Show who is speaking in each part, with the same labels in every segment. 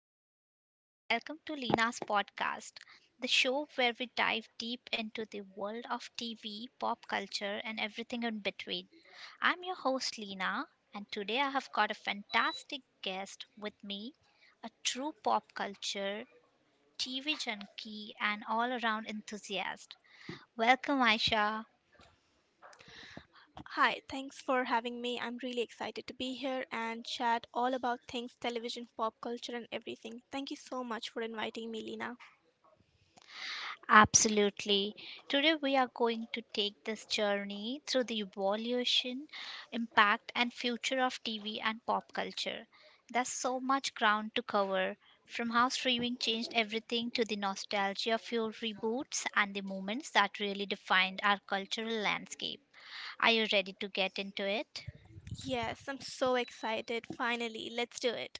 Speaker 1: everyone, welcome to Lina's podcast, the show where we dive deep into the world of TV, pop culture, and everything in between. I'm your host Lina, and today I have got a fantastic guest with me, a true pop culture, TV junkie, and all around enthusiast. Welcome, Aisha.
Speaker 2: Hi, thanks for having me. I'm really excited to be here and chat all about things television, pop culture, and everything. Thank you so much for inviting me, Lena.
Speaker 1: Absolutely. Today, we are going to take this journey through the evolution, impact, and future of TV and pop culture. There's so much ground to cover from how streaming changed everything to the nostalgia fueled reboots and the moments that really defined our cultural landscape. Are you ready to get into it?
Speaker 2: Yes, I'm so excited. Finally, let's do it.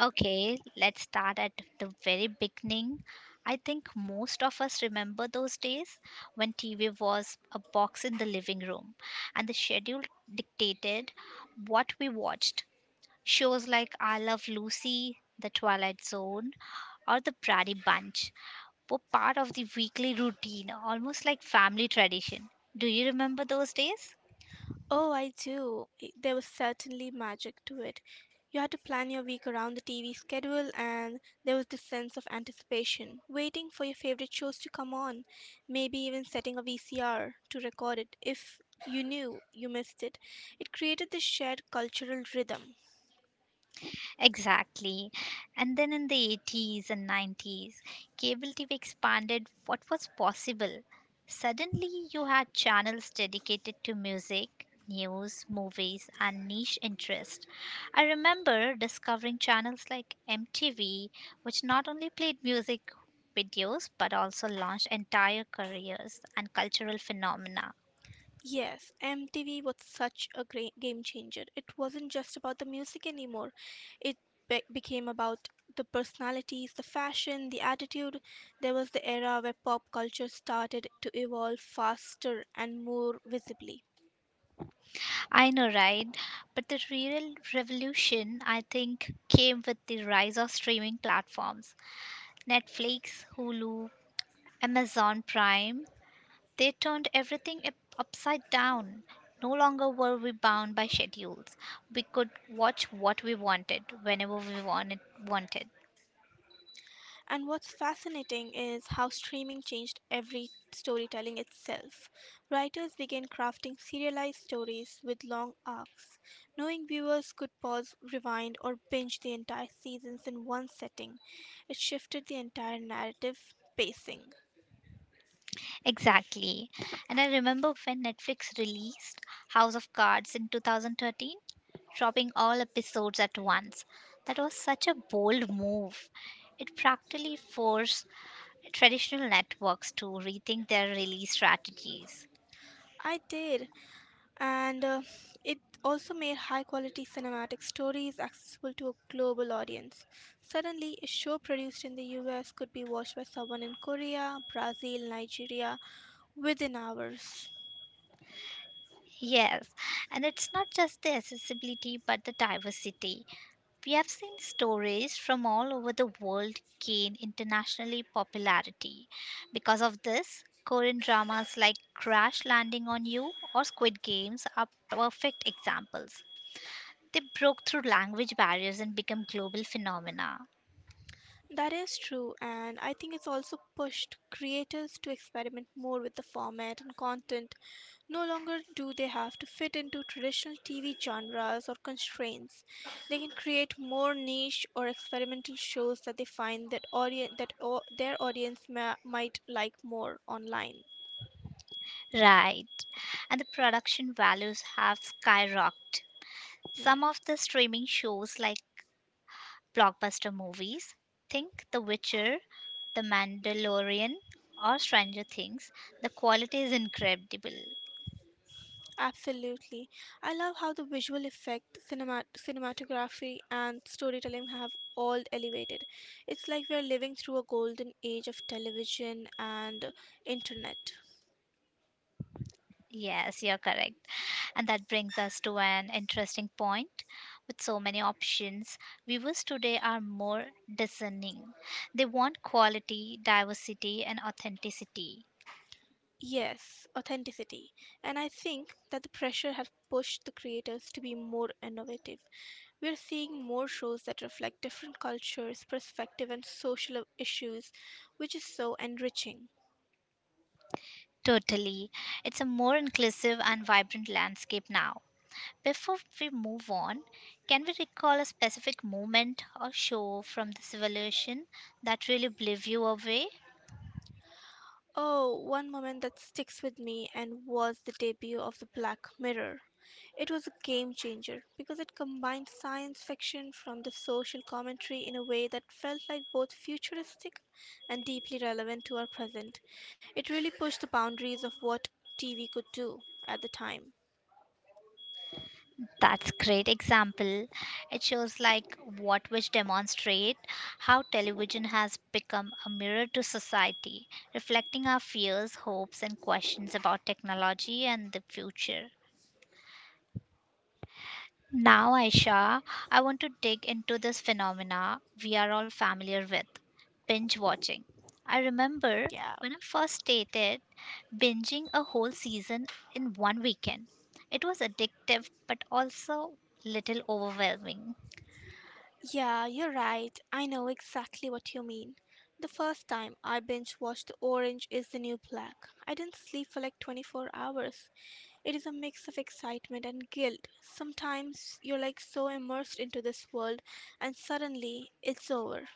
Speaker 1: Okay, let's start at the very beginning. I think most of us remember those days when TV was a box in the living room and the schedule dictated what we watched. Shows like I Love Lucy, The Twilight Zone, or The Brady Bunch were part of the weekly routine, almost like family tradition. Do you remember those days?
Speaker 2: Oh, I do. There was certainly magic to it. You had to plan your week around the TV schedule, and there was this sense of anticipation, waiting for your favorite shows to come on, maybe even setting a VCR to record it if you knew you missed it. It created this shared cultural rhythm.
Speaker 1: Exactly. And then in the 80s and 90s, cable TV expanded what was possible. Suddenly, you had channels dedicated to music, news, movies, and niche interest. I remember discovering channels like MTV, which not only played music videos but also launched entire careers and cultural phenomena.
Speaker 2: Yes, MTV was such a great game changer. It wasn't just about the music anymore. It became about the personalities, the fashion, the attitude. There was the era where pop culture started to evolve faster and more visibly.
Speaker 1: I know, right? But the real revolution, I think, came with the rise of streaming platforms. Netflix, Hulu, Amazon Prime, they turned everything upside down. No longer were we bound by schedules. We could watch what we wanted whenever we wanted.
Speaker 2: And what's fascinating is how streaming changed every storytelling itself. Writers began crafting serialized stories with long arcs, knowing viewers could pause, rewind, or binge the entire seasons in one setting. It shifted the entire narrative pacing.
Speaker 1: Exactly. And I remember when Netflix released House of Cards in 2013, dropping all episodes at once. That was such a bold move. It practically forced traditional networks to rethink their release strategies.
Speaker 2: I did. And it also made high quality cinematic stories accessible to a global audience. Suddenly, a show produced in the US could be watched by someone in Korea, Brazil, Nigeria within hours.
Speaker 1: Yes, and it's not just the accessibility but the diversity. We have seen stories from all over the world gain internationally popularity. Because of this, Korean dramas like Crash Landing on You or Squid Games are perfect examples. They broke through language barriers and became global phenomena.
Speaker 2: That is true, and I think it's also pushed creators to experiment more with the format and content. No longer do they have to fit into traditional TV genres or constraints. They can create more niche or experimental shows that they find that their might like more online.
Speaker 1: Right. And the production values have skyrocketed.
Speaker 2: Hmm.
Speaker 1: Some of the streaming shows like blockbuster movies. Think The Witcher, The Mandalorian, or Stranger Things. The quality is incredible.
Speaker 2: Absolutely. I love how the visual effect, cinema, cinematography, and storytelling have all elevated. It's like we're living through a golden age of television and internet.
Speaker 1: Yes, you're correct. And that brings us to an interesting point. With so many options, viewers today are more discerning. They want quality, diversity, and authenticity.
Speaker 2: Yes, authenticity. And I think that the pressure has pushed the creators to be more innovative. We're seeing more shows that reflect different cultures, perspective, and social issues, which is so enriching.
Speaker 1: Totally. It's a more inclusive and vibrant landscape now. Before we move on, can we recall a specific moment or show from this evolution that really blew you away?
Speaker 2: Oh, one moment that sticks with me and was the debut of the Black Mirror. It was a game changer because it combined science fiction from the social commentary in a way that felt like both futuristic and deeply relevant to our present. It really pushed the boundaries of what TV could do at the time.
Speaker 1: That's great example. It shows like what which demonstrate how television has become a mirror to society, reflecting our fears, hopes and questions about technology and the future. Now, Aisha, I want to dig into this phenomena we are all familiar with binge watching. I remember
Speaker 2: Yeah.
Speaker 1: when I first stated binging a whole season in one weekend. It was addictive but also little overwhelming.
Speaker 2: Yeah, you're right. I know exactly what you mean. The first time I binge watched Orange is the New Black, I didn't sleep for like 24 hours. It is a mix of excitement and guilt. Sometimes you're like so immersed into this world and suddenly it's over.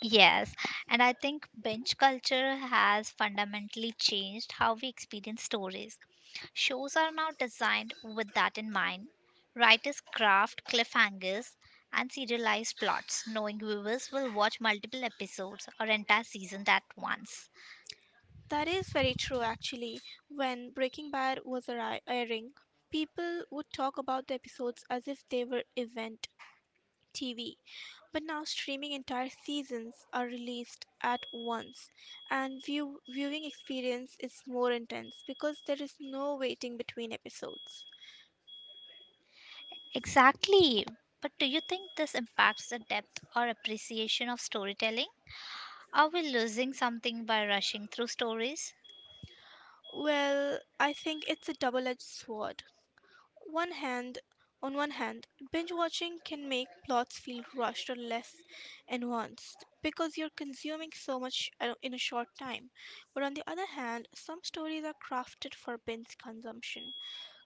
Speaker 1: Yes, and I think binge culture has fundamentally changed how we experience stories. Shows are now designed with that in mind. Writers craft cliffhangers and serialized plots, knowing viewers will watch multiple episodes or entire seasons at once.
Speaker 2: That is very true, actually. When Breaking Bad was airing, people would talk about the episodes as if they were event TV. But now, streaming entire seasons are released at once, and viewing experience is more intense because there is no waiting between episodes.
Speaker 1: Exactly. But do you think this impacts the depth or appreciation of storytelling? Are we losing something by rushing through stories?
Speaker 2: Well, I think it's a double edged sword. One hand, on one hand, binge watching can make plots feel rushed or less nuanced because you're consuming so much in a short time. But on the other hand, some stories are crafted for binge consumption.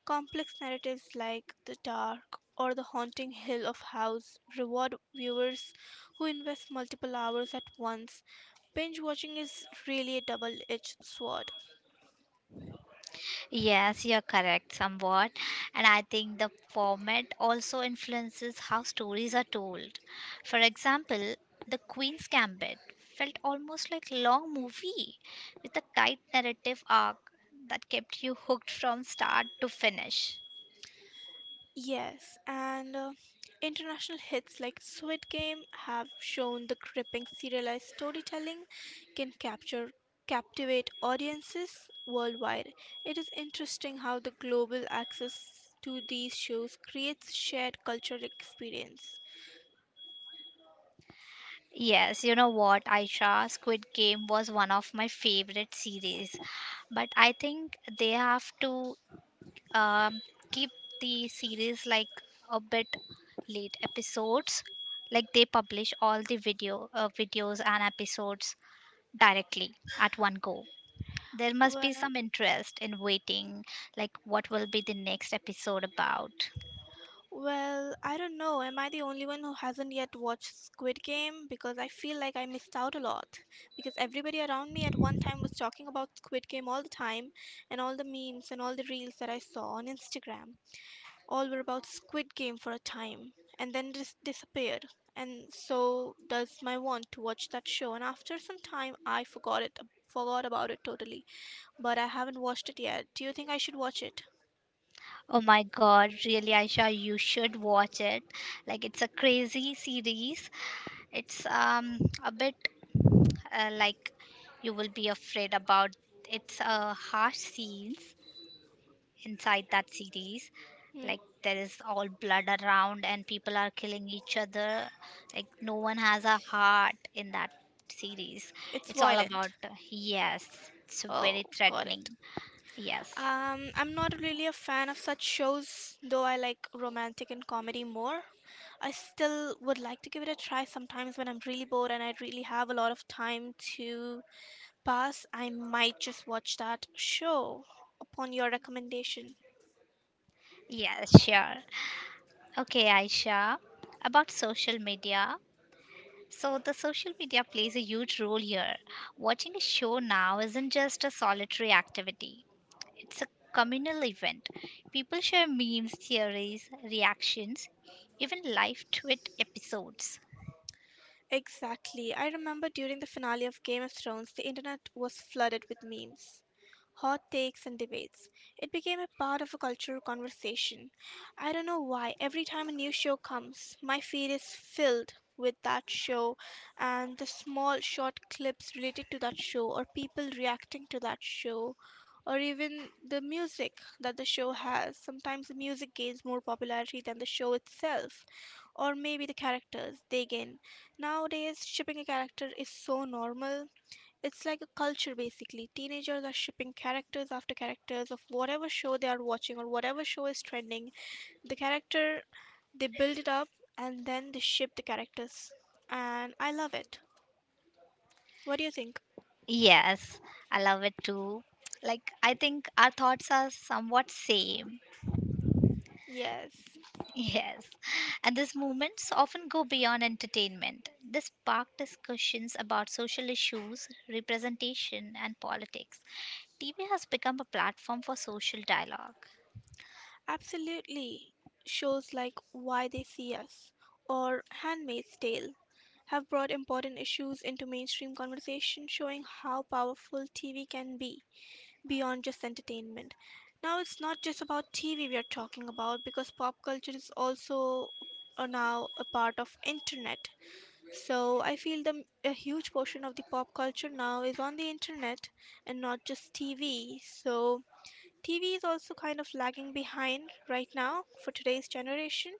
Speaker 2: Complex narratives like The Dark or The Haunting Hill of House reward viewers who invest multiple hours at once. Binge watching is really a double edged sword.
Speaker 1: Yes, you're correct, somewhat. And I think the format also influences how stories are told. For example, The Queen's Gambit felt almost like a long movie with a tight narrative arc that kept you hooked from start to finish.
Speaker 2: Yes, and international hits like Squid Game have shown the gripping serialized storytelling can capture captivate audiences worldwide. It is interesting how the global access to these shows creates shared cultural experience.
Speaker 1: Yes, you know what, Aisha, Squid Game was one of my favorite series, but I think they have to um, keep the series like a bit late episodes like they publish all the video videos and episodes directly at one go there must be
Speaker 2: Well,
Speaker 1: some interest in waiting like what will be the next episode about.
Speaker 2: Well, I don't know. Am I the only one who hasn't yet watched Squid Game? Because I feel like I missed out a lot. Because everybody around me at one time was talking about Squid Game all the time, and all the memes and all the reels that I saw on Instagram, all were about Squid Game for a time, and then disappeared. And so does my want to watch that show. And after some time, I forgot it, forgot about it totally. But I haven't watched it yet. Do you think I should watch it?
Speaker 1: Oh my god, really, Aisha, you should watch it. Like, it's a crazy series. It's a bit like you will be afraid about it's a harsh scenes inside that series,
Speaker 2: Hmm.
Speaker 1: like there is all blood around and people are killing each other, like no one has a heart in that series.
Speaker 2: It's
Speaker 1: It's all about,
Speaker 2: violent.
Speaker 1: yes, it's
Speaker 2: Oh,
Speaker 1: very
Speaker 2: got
Speaker 1: threatening.
Speaker 2: it.
Speaker 1: Yes.
Speaker 2: I'm not really a fan of such shows, though I like romantic and comedy more. I still would like to give it a try sometimes when I'm really bored and I really have a lot of time to pass. I might just watch that show upon your recommendation.
Speaker 1: Yes, sure. Okay, Aisha, about social media. So, the social media plays a huge role here. Watching a show now isn't just a solitary activity, it's a communal event. People share memes, theories, reactions, even live tweet episodes.
Speaker 2: Exactly. I remember during the finale of Game of Thrones, the internet was flooded with memes, hot takes, and debates. It became a part of a cultural conversation. I don't know why, every time a new show comes, my feed is filled with that show and the small short clips related to that show, or people reacting to that show, or even the music that the show has. Sometimes the music gains more popularity than the show itself, or maybe the characters they gain. Nowadays, shipping a character is so normal, it's like a culture basically. Teenagers are shipping characters after characters of whatever show they are watching or whatever show is trending. The character, they build it up and then they ship the characters. And I love it. What do you think?
Speaker 1: Yes, I love it too. Like, I think our thoughts are somewhat same.
Speaker 2: Yes,
Speaker 1: Yes. And these movements often go beyond entertainment. They spark discussions about social issues, representation, and politics. TV has become a platform for social dialogue.
Speaker 2: absolutely. Shows like Why They See Us or Handmaid's Tale have brought important issues into mainstream conversation, showing how powerful TV can be, beyond just entertainment. Now it's not just about TV we are talking about because pop culture is also now a part of internet. So I feel the a huge portion of the pop culture now is on the internet and not just TV. So TV is also kind of lagging behind right now for today's generation.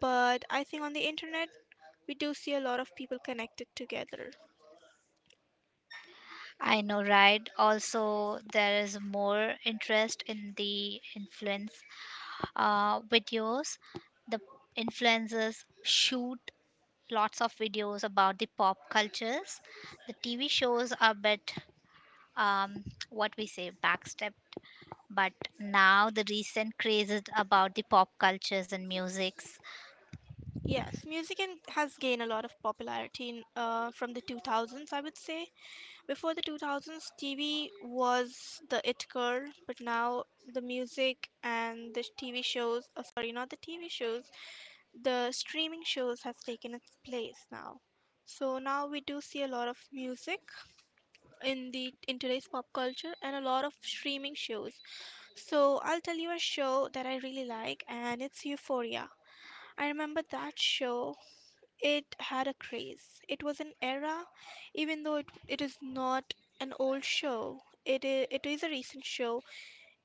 Speaker 2: But I think on the internet, we do see a lot of people connected together.
Speaker 1: I know, right? Also, there is more interest in the influence videos. The influencers shoot lots of videos about the pop cultures. The TV shows are a bit, um, what we say, backstep. But now the recent craze is about the pop cultures and musics.
Speaker 2: Yes, music has gained a lot of popularity in, from the 2000s, I would say. Before the 2000s, TV was the it girl, but now the music and the TV shows, oh, sorry, not the TV shows, the streaming shows has taken its place now. So now we do see a lot of music in today's pop culture and a lot of streaming shows. So I'll tell you a show that I really like and it's Euphoria. I remember that show it had a craze. It was an era, even though it is not an old show, it is a recent show.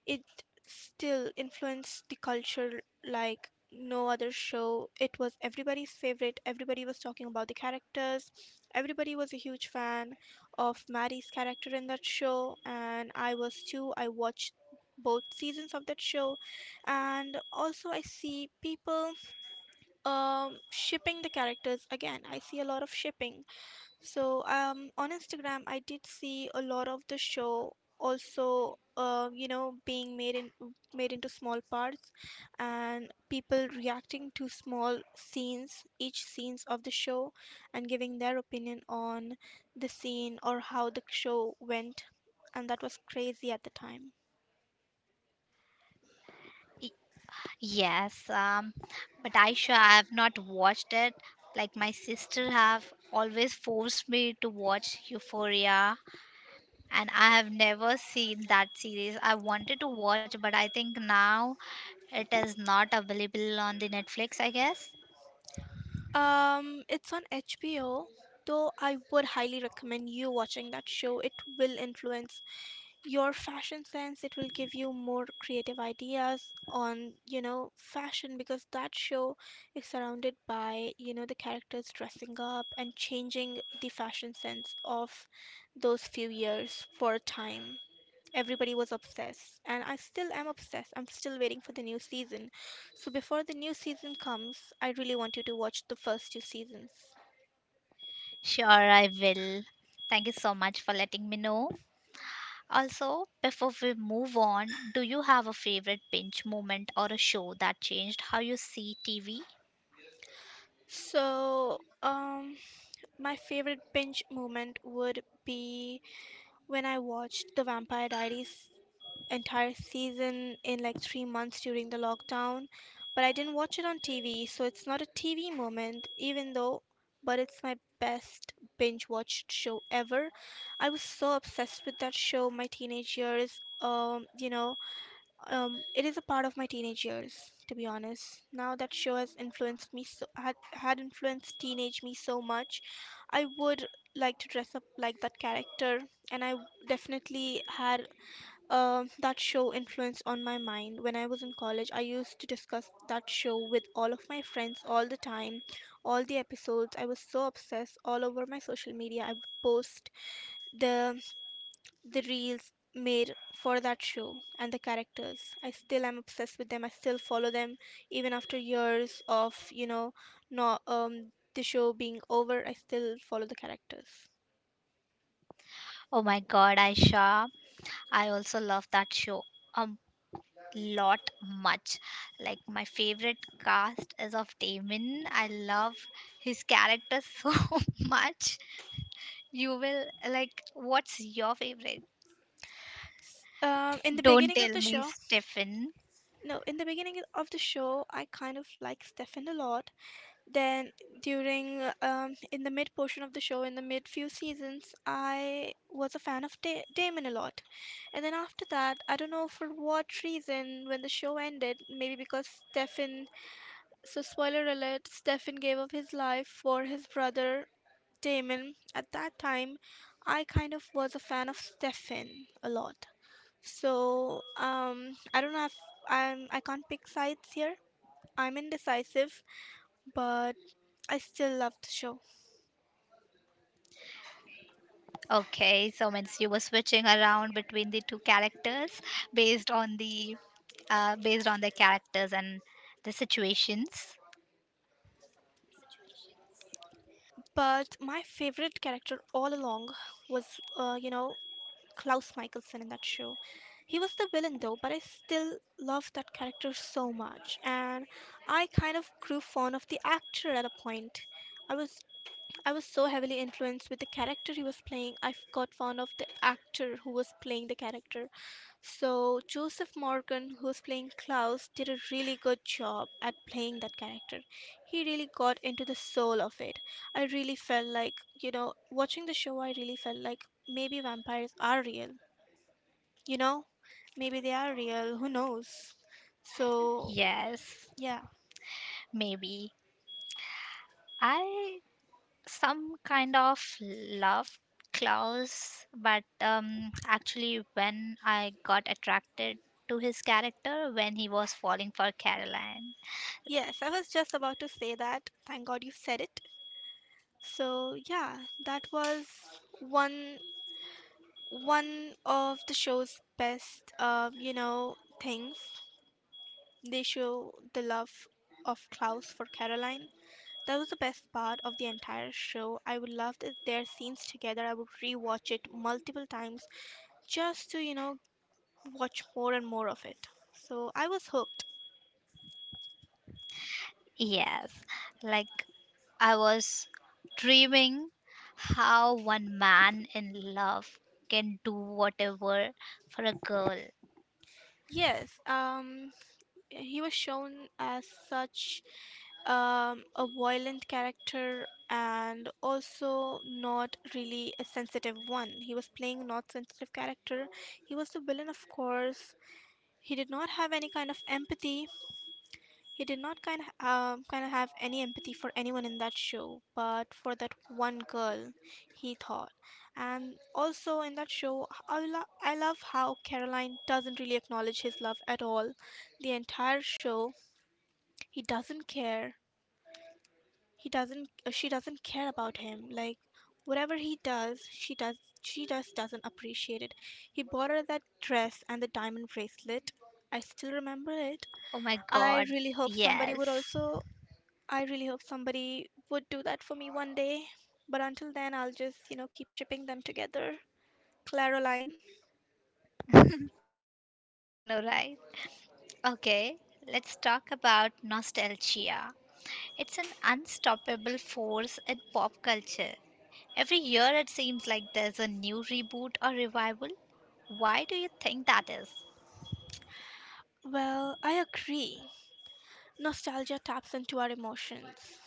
Speaker 2: It still influenced the culture like no other show. It was everybody's favorite. Everybody was talking about the characters. Everybody was a huge fan of Maddie's character in that show, and I was too. I watched both seasons of that show, and also I see people shipping the characters again. I see a lot of shipping. So on Instagram, I did see a lot of the show, also you know, being made in made into small parts, and people reacting to small scenes, each scenes of the show, and giving their opinion on the scene or how the show went. And that was crazy at the time.
Speaker 1: I- Yes, but Aisha, I have not watched it. Like my sister have always forced me to watch Euphoria, and I have never seen that series. I wanted to watch, but I think now it is not available on the Netflix. I guess.
Speaker 2: It's on HBO, though I would highly recommend you watching that show. It will influence your fashion sense. It will give you more creative ideas on, you know, fashion because that show is surrounded by, you know, the characters dressing up and changing the fashion sense of those few years for a time. Everybody was obsessed, and I still am obsessed. I'm still waiting for the new season. So before the new season comes, I really want you to watch the first two seasons.
Speaker 1: Sure, I will. Thank you so much for letting me know. Also, before we move on, do you have a favorite binge moment or a show that changed how you see TV?
Speaker 2: So, my favorite binge moment would be when I watched The Vampire Diaries entire season in like 3 months during the lockdown, but I didn't watch it on TV, so it's not a TV moment, even though, but it's my best binge watched show ever. I was so obsessed with that show my teenage years. It is a part of my teenage years, to be honest. Now that show has influenced me so had influenced teenage me so much, I would like to dress up like that character, and I definitely had that show influenced on my mind. When I was in college, I used to discuss that show with all of my friends all the time, all the episodes. I was so obsessed all over my social media. I would post the the reels made for that show and the characters. I still am obsessed with them. I still follow them even after years of, you know, not the show being over. I still follow the characters.
Speaker 1: Oh my god, Aisha. I also love that show a lot much. Like my favorite cast is of Damon. I love his character so much. You will like what's your favorite?
Speaker 2: In the
Speaker 1: Don't
Speaker 2: beginning of
Speaker 1: tell
Speaker 2: the
Speaker 1: me
Speaker 2: show.
Speaker 1: Stefan.
Speaker 2: No, in the beginning of the show, I kind of like Stefan a lot. Then, during in the mid portion of the show, in the mid few seasons, I was a fan of Damon a lot. And then after that, I don't know for what reason, when the show ended, maybe because Stefan, so spoiler alert, Stefan gave up his life for his brother Damon. At that time, I kind of was a fan of Stefan a lot. So I don't know if I can't pick sides here. I'm indecisive, but I still love the show.
Speaker 1: Okay, so means you were switching around between the two characters based on the based on the characters and the situations.
Speaker 2: But my favorite character all along was uh, you know Klaus Michelson in that show. He was the villain though, but I still loved that character so much, and I kind of grew fond of the actor at a point. I was I was so heavily influenced with the character he was playing. Got fond of the actor who was playing the character. So Joseph Morgan, who was playing Klaus, did a really good job at playing that character. He really got into the soul of it. I really felt like, watching the show, I really felt like maybe vampires are real. You know, maybe they are real. Who knows? So
Speaker 1: Yes,
Speaker 2: yeah.
Speaker 1: maybe. I some kind of love Klaus, but actually, when I got attracted to his character when he was falling for Caroline,
Speaker 2: Yes, I was just about to say that. Thank God you said it. So yeah, that was one one of the show's best, things. They show the love of Klaus for Caroline. That was the best part of the entire show. I would love that their scenes together. I would rewatch it multiple times just to watch more and more of it. So I was hooked.
Speaker 1: yes, like I was dreaming how one man in love can do whatever for a girl.
Speaker 2: Yes, he was shown as such a violent character and also not really a sensitive one. He was playing not sensitive character. He was the villain, of course. He did not have any kind of empathy. He did not kind of have any empathy for anyone in that show, but for that one girl, he thought. And also in that show, I love how Caroline doesn't really acknowledge his love at all. The entire show, he doesn't care he doesn't she doesn't care about him. Like, whatever he does, she does, she just doesn't appreciate it. He bought her that dress and the diamond bracelet. I still remember it.
Speaker 1: Oh my
Speaker 2: I
Speaker 1: god,
Speaker 2: really hope somebody would
Speaker 1: yes,
Speaker 2: also, I really hope somebody would do that for me one day. But until then, I'll just, keep shipping them together. Claroline.
Speaker 1: yes, I know, right? Okay, let's talk about nostalgia. It's an unstoppable force in pop culture. Every year it seems like there's a new reboot or revival. Why do you think that is?
Speaker 2: Well, I agree. Nostalgia taps into our emotions.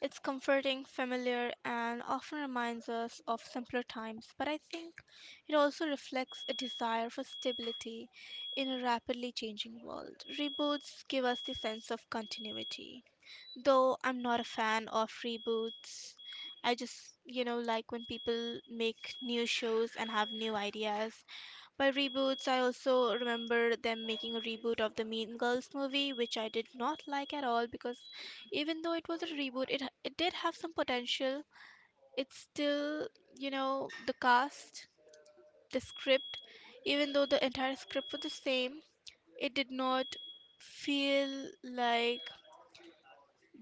Speaker 2: It's comforting, familiar, and often reminds us of simpler times, but I think it also reflects a desire for stability in a rapidly changing world. Reboots give us the sense of continuity. Though I'm not a fan of reboots, I just, like when people make new shows and have new ideas. By reboots, I also remember them making a reboot of the Mean Girls movie, which I did not like at all because even though it was a reboot, it did have some potential. It's still, the cast, the script, even though the entire script was the same, it did not feel like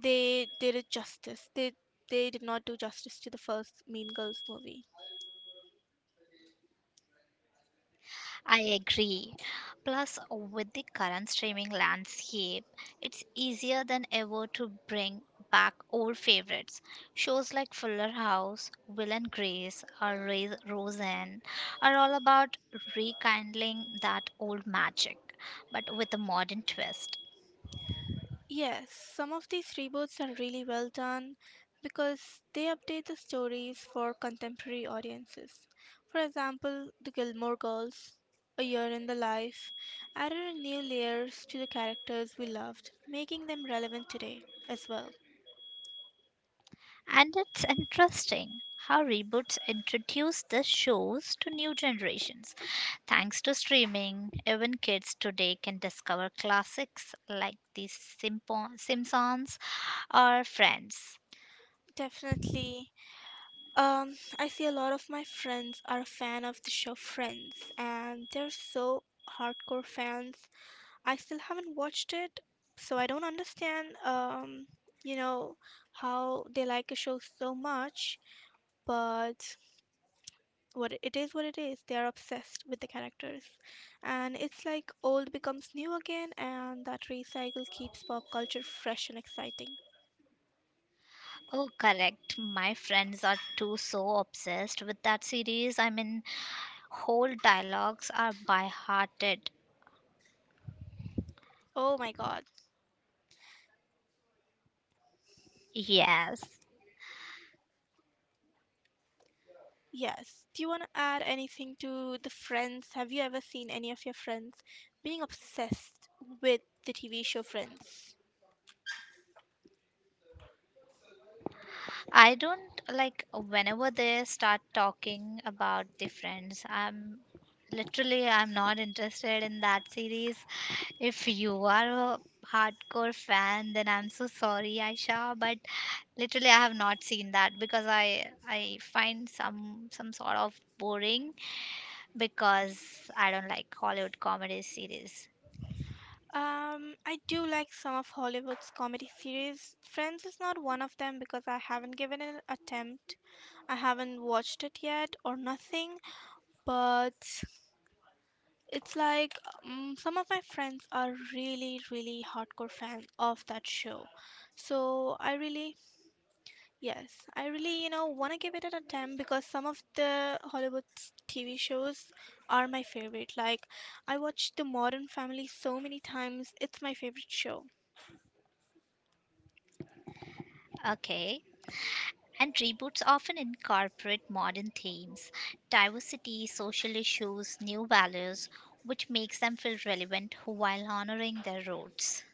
Speaker 2: they did it justice. They did not do justice to the first Mean Girls movie.
Speaker 1: I agree. Plus, with the current streaming landscape, it's easier than ever to bring back old favorites. Shows like Fuller House, Will and Grace, or Roseanne are all about rekindling that old magic, but with a modern twist.
Speaker 2: Yes, some of these reboots are really well done because they update the stories for contemporary audiences. For example, The Gilmore Girls, A Year in the Life, added new layers to the characters we loved, making them relevant today as well.
Speaker 1: And it's interesting how reboots introduce the shows to new generations. Thanks to streaming, even kids today can discover classics like Simpsons or Friends.
Speaker 2: Definitely. I see a lot of my friends are a fan of the show Friends, and they're so hardcore fans. I still haven't watched it, so I don't understand, you know, how they like a show so much. But what it is, what it is. They are obsessed with the characters, and it's like old becomes new again, and that recycle keeps pop culture fresh and exciting.
Speaker 1: Oh, correct. My friends are too so obsessed with that series. I mean, whole dialogues are by hearted.
Speaker 2: Oh my God!
Speaker 1: Yes.
Speaker 2: Yes. Do you want to add anything to the Friends? Have you ever seen any of your friends being obsessed with the TV show Friends?
Speaker 1: I don't like whenever they start talking about the friends. I'm literally I'm not interested in that series. If you are a hardcore fan, then I'm so sorry, Aisha, but literally I have not seen that because I find some sort of boring because I don't like Hollywood comedy series.
Speaker 2: I do like some of Hollywood's comedy series. Friends is not one of them because I haven't given it an attempt. I haven't watched it yet or nothing, but it's like some of my friends are really, really hardcore fans of that show. So I really, yes, I really, want to give it an attempt because some of the Hollywood's TV shows are my favorite. Like, I watched The Modern Family so many times, it's my favorite show.
Speaker 1: Okay. And reboots often incorporate modern themes, diversity, social issues, new values, which makes them feel relevant while honoring their roots.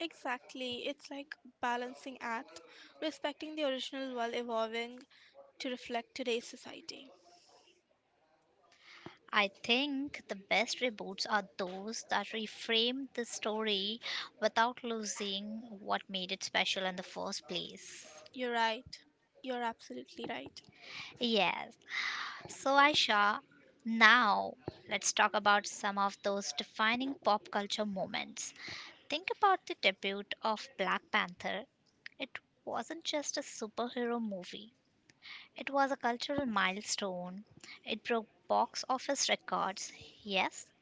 Speaker 2: Exactly, it's like balancing act, respecting the original while evolving to reflect today's society.
Speaker 1: I think the best reboots are those that reframe the story without losing what made it special in the first place.
Speaker 2: You're right. You're absolutely right.
Speaker 1: Yes. So, Aisha, now let's talk about some of those defining pop culture moments. Think about the debut of Black Panther. It wasn't just a superhero movie, it was a cultural milestone. It broke box office records, yes,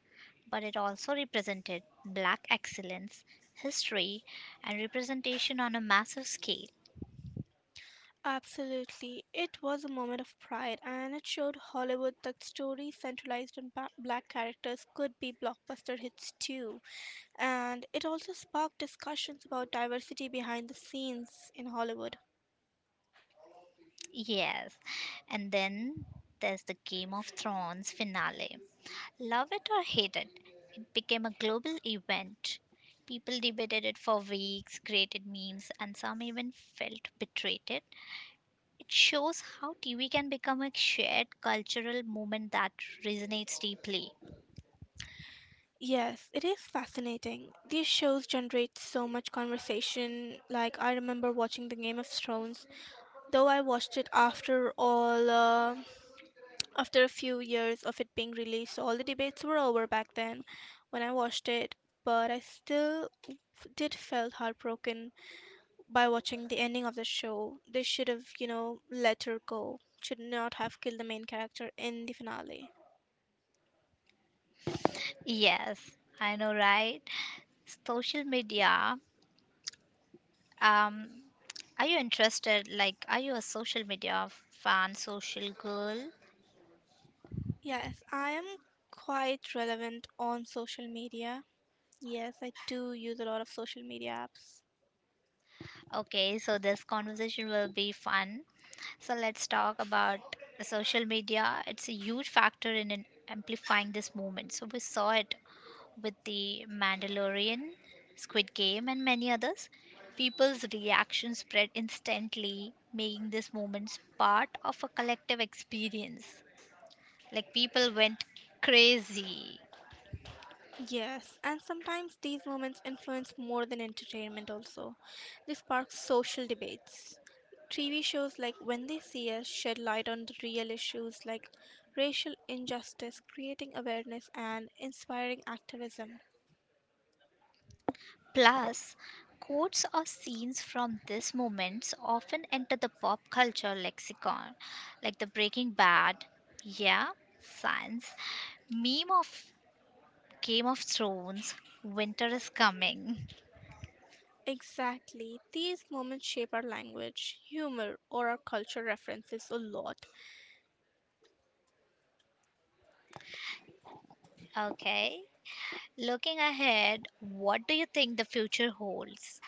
Speaker 1: but it also represented black excellence, history, and representation on a massive scale.
Speaker 2: Absolutely. It was a moment of pride and it showed Hollywood that stories centralized on black characters could be blockbuster hits too. And it also sparked discussions about diversity behind the scenes in Hollywood.
Speaker 1: Yes, and then there's the Game of Thrones finale. Love it or hate it, became a global event. People debated it for weeks, created memes, and some even felt betrayed. It shows how TV can become a shared cultural movement that resonates deeply.
Speaker 2: Yes, it is fascinating. These shows generate so much conversation. Like, I remember watching The Game of Thrones, though I watched it after all, after a few years of it being released. So all the debates were over back then when I watched it, but I still did felt heartbroken by watching the ending of the show. They should have, let her go, should not have killed the main character in the finale.
Speaker 1: Yes, I know, right? Social media. Um, are you interested? Like, are you a social media fan, social girl?
Speaker 2: Yes, I am quite relevant on social media. Yes, I do use a lot of social media apps.
Speaker 1: Okay, so this conversation will be fun. So let's talk about the social media. It's a huge factor in amplifying this movement. So we saw it with the Mandalorian, Squid Game, and many others. People's reactions spread instantly, making this movement part of a collective experience. Like people went crazy.
Speaker 2: Yes, and sometimes these moments influence more than entertainment, also. They spark social debates. TV shows like When They See Us shed light on the real issues like racial injustice, creating awareness, and inspiring activism.
Speaker 1: Plus, quotes or scenes from these moments often enter the pop culture lexicon, like the Breaking Bad, yeah, science, meme of Game of Thrones, winter is coming.
Speaker 2: Exactly, these moments shape our language, humor, or our culture references a lot.
Speaker 1: Okay. Looking ahead, what do you think the future holds?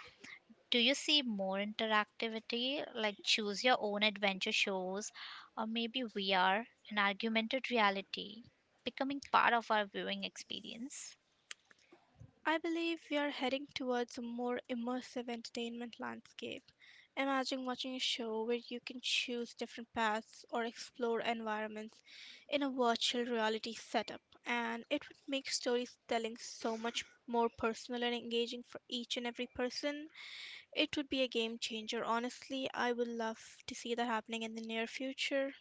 Speaker 1: Do you see more interactivity, like choose your own adventure shows, or maybe VR and augmented reality becoming part of our viewing experience?
Speaker 2: I believe we are heading towards a more immersive entertainment landscape. Imagine watching a show where you can choose different paths or explore environments in a virtual reality setup, and it would make storytelling so much more personal and engaging for each and every person. It would be a game changer. Honestly, I would love to see that happening in the near future.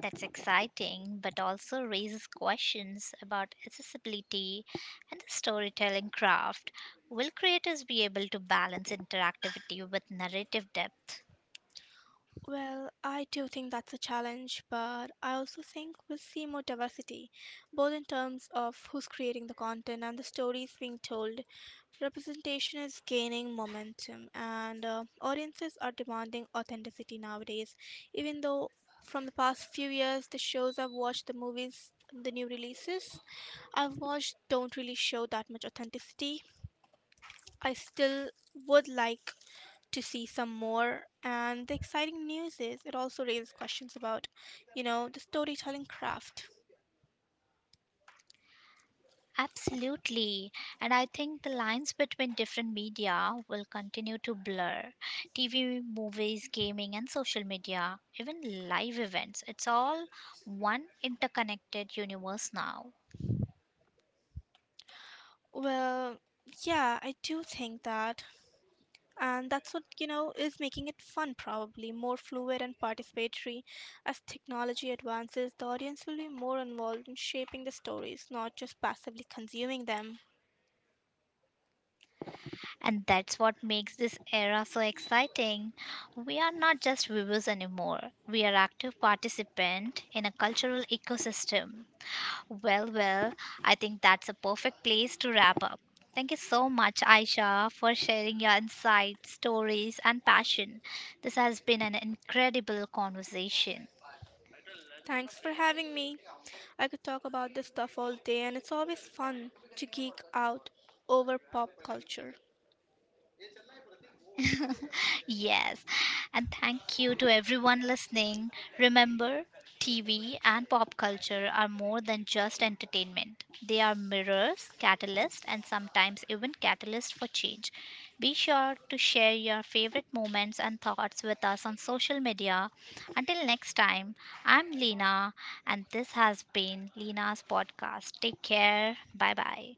Speaker 1: That's exciting, but also raises questions about accessibility and the storytelling craft. Will creators be able to balance interactivity with narrative depth?
Speaker 2: Well, I do think that's a challenge, but I also think we'll see more diversity, both in terms of who's creating the content and the stories being told. Representation is gaining momentum, and audiences are demanding authenticity nowadays. Even though from the past few years, the shows I've watched, the movies, the new releases I've watched don't really show that much authenticity. I still would like to see some more. And the exciting news is it also raises questions about, the storytelling craft.
Speaker 1: Absolutely. And I think the lines between different media will continue to blur. TV, movies, gaming, and social media, even live events, it's all one interconnected universe now.
Speaker 2: Well, yeah, I do think that. And that's what, is making it fun, probably more fluid and participatory. As technology advances, the audience will be more involved in shaping the stories, not just passively consuming them.
Speaker 1: And that's what makes this era so exciting. We are not just viewers anymore. We are active participants in a cultural ecosystem. Well, well, I think that's a perfect place to wrap up. Thank you so much, Aisha, for sharing your insights, stories, and passion. This has been an incredible conversation.
Speaker 2: Thanks for having me. I could talk about this stuff all day, and it's always fun to geek out over pop culture.
Speaker 1: Yes. And thank you to everyone listening. Remember, TV and pop culture are more than just entertainment. They are mirrors, catalysts, and sometimes even catalysts for change. Be sure to share your favorite moments and thoughts with us on social media. Until next time, I'm Lena, and this has been Lena's podcast. Take care. Bye bye.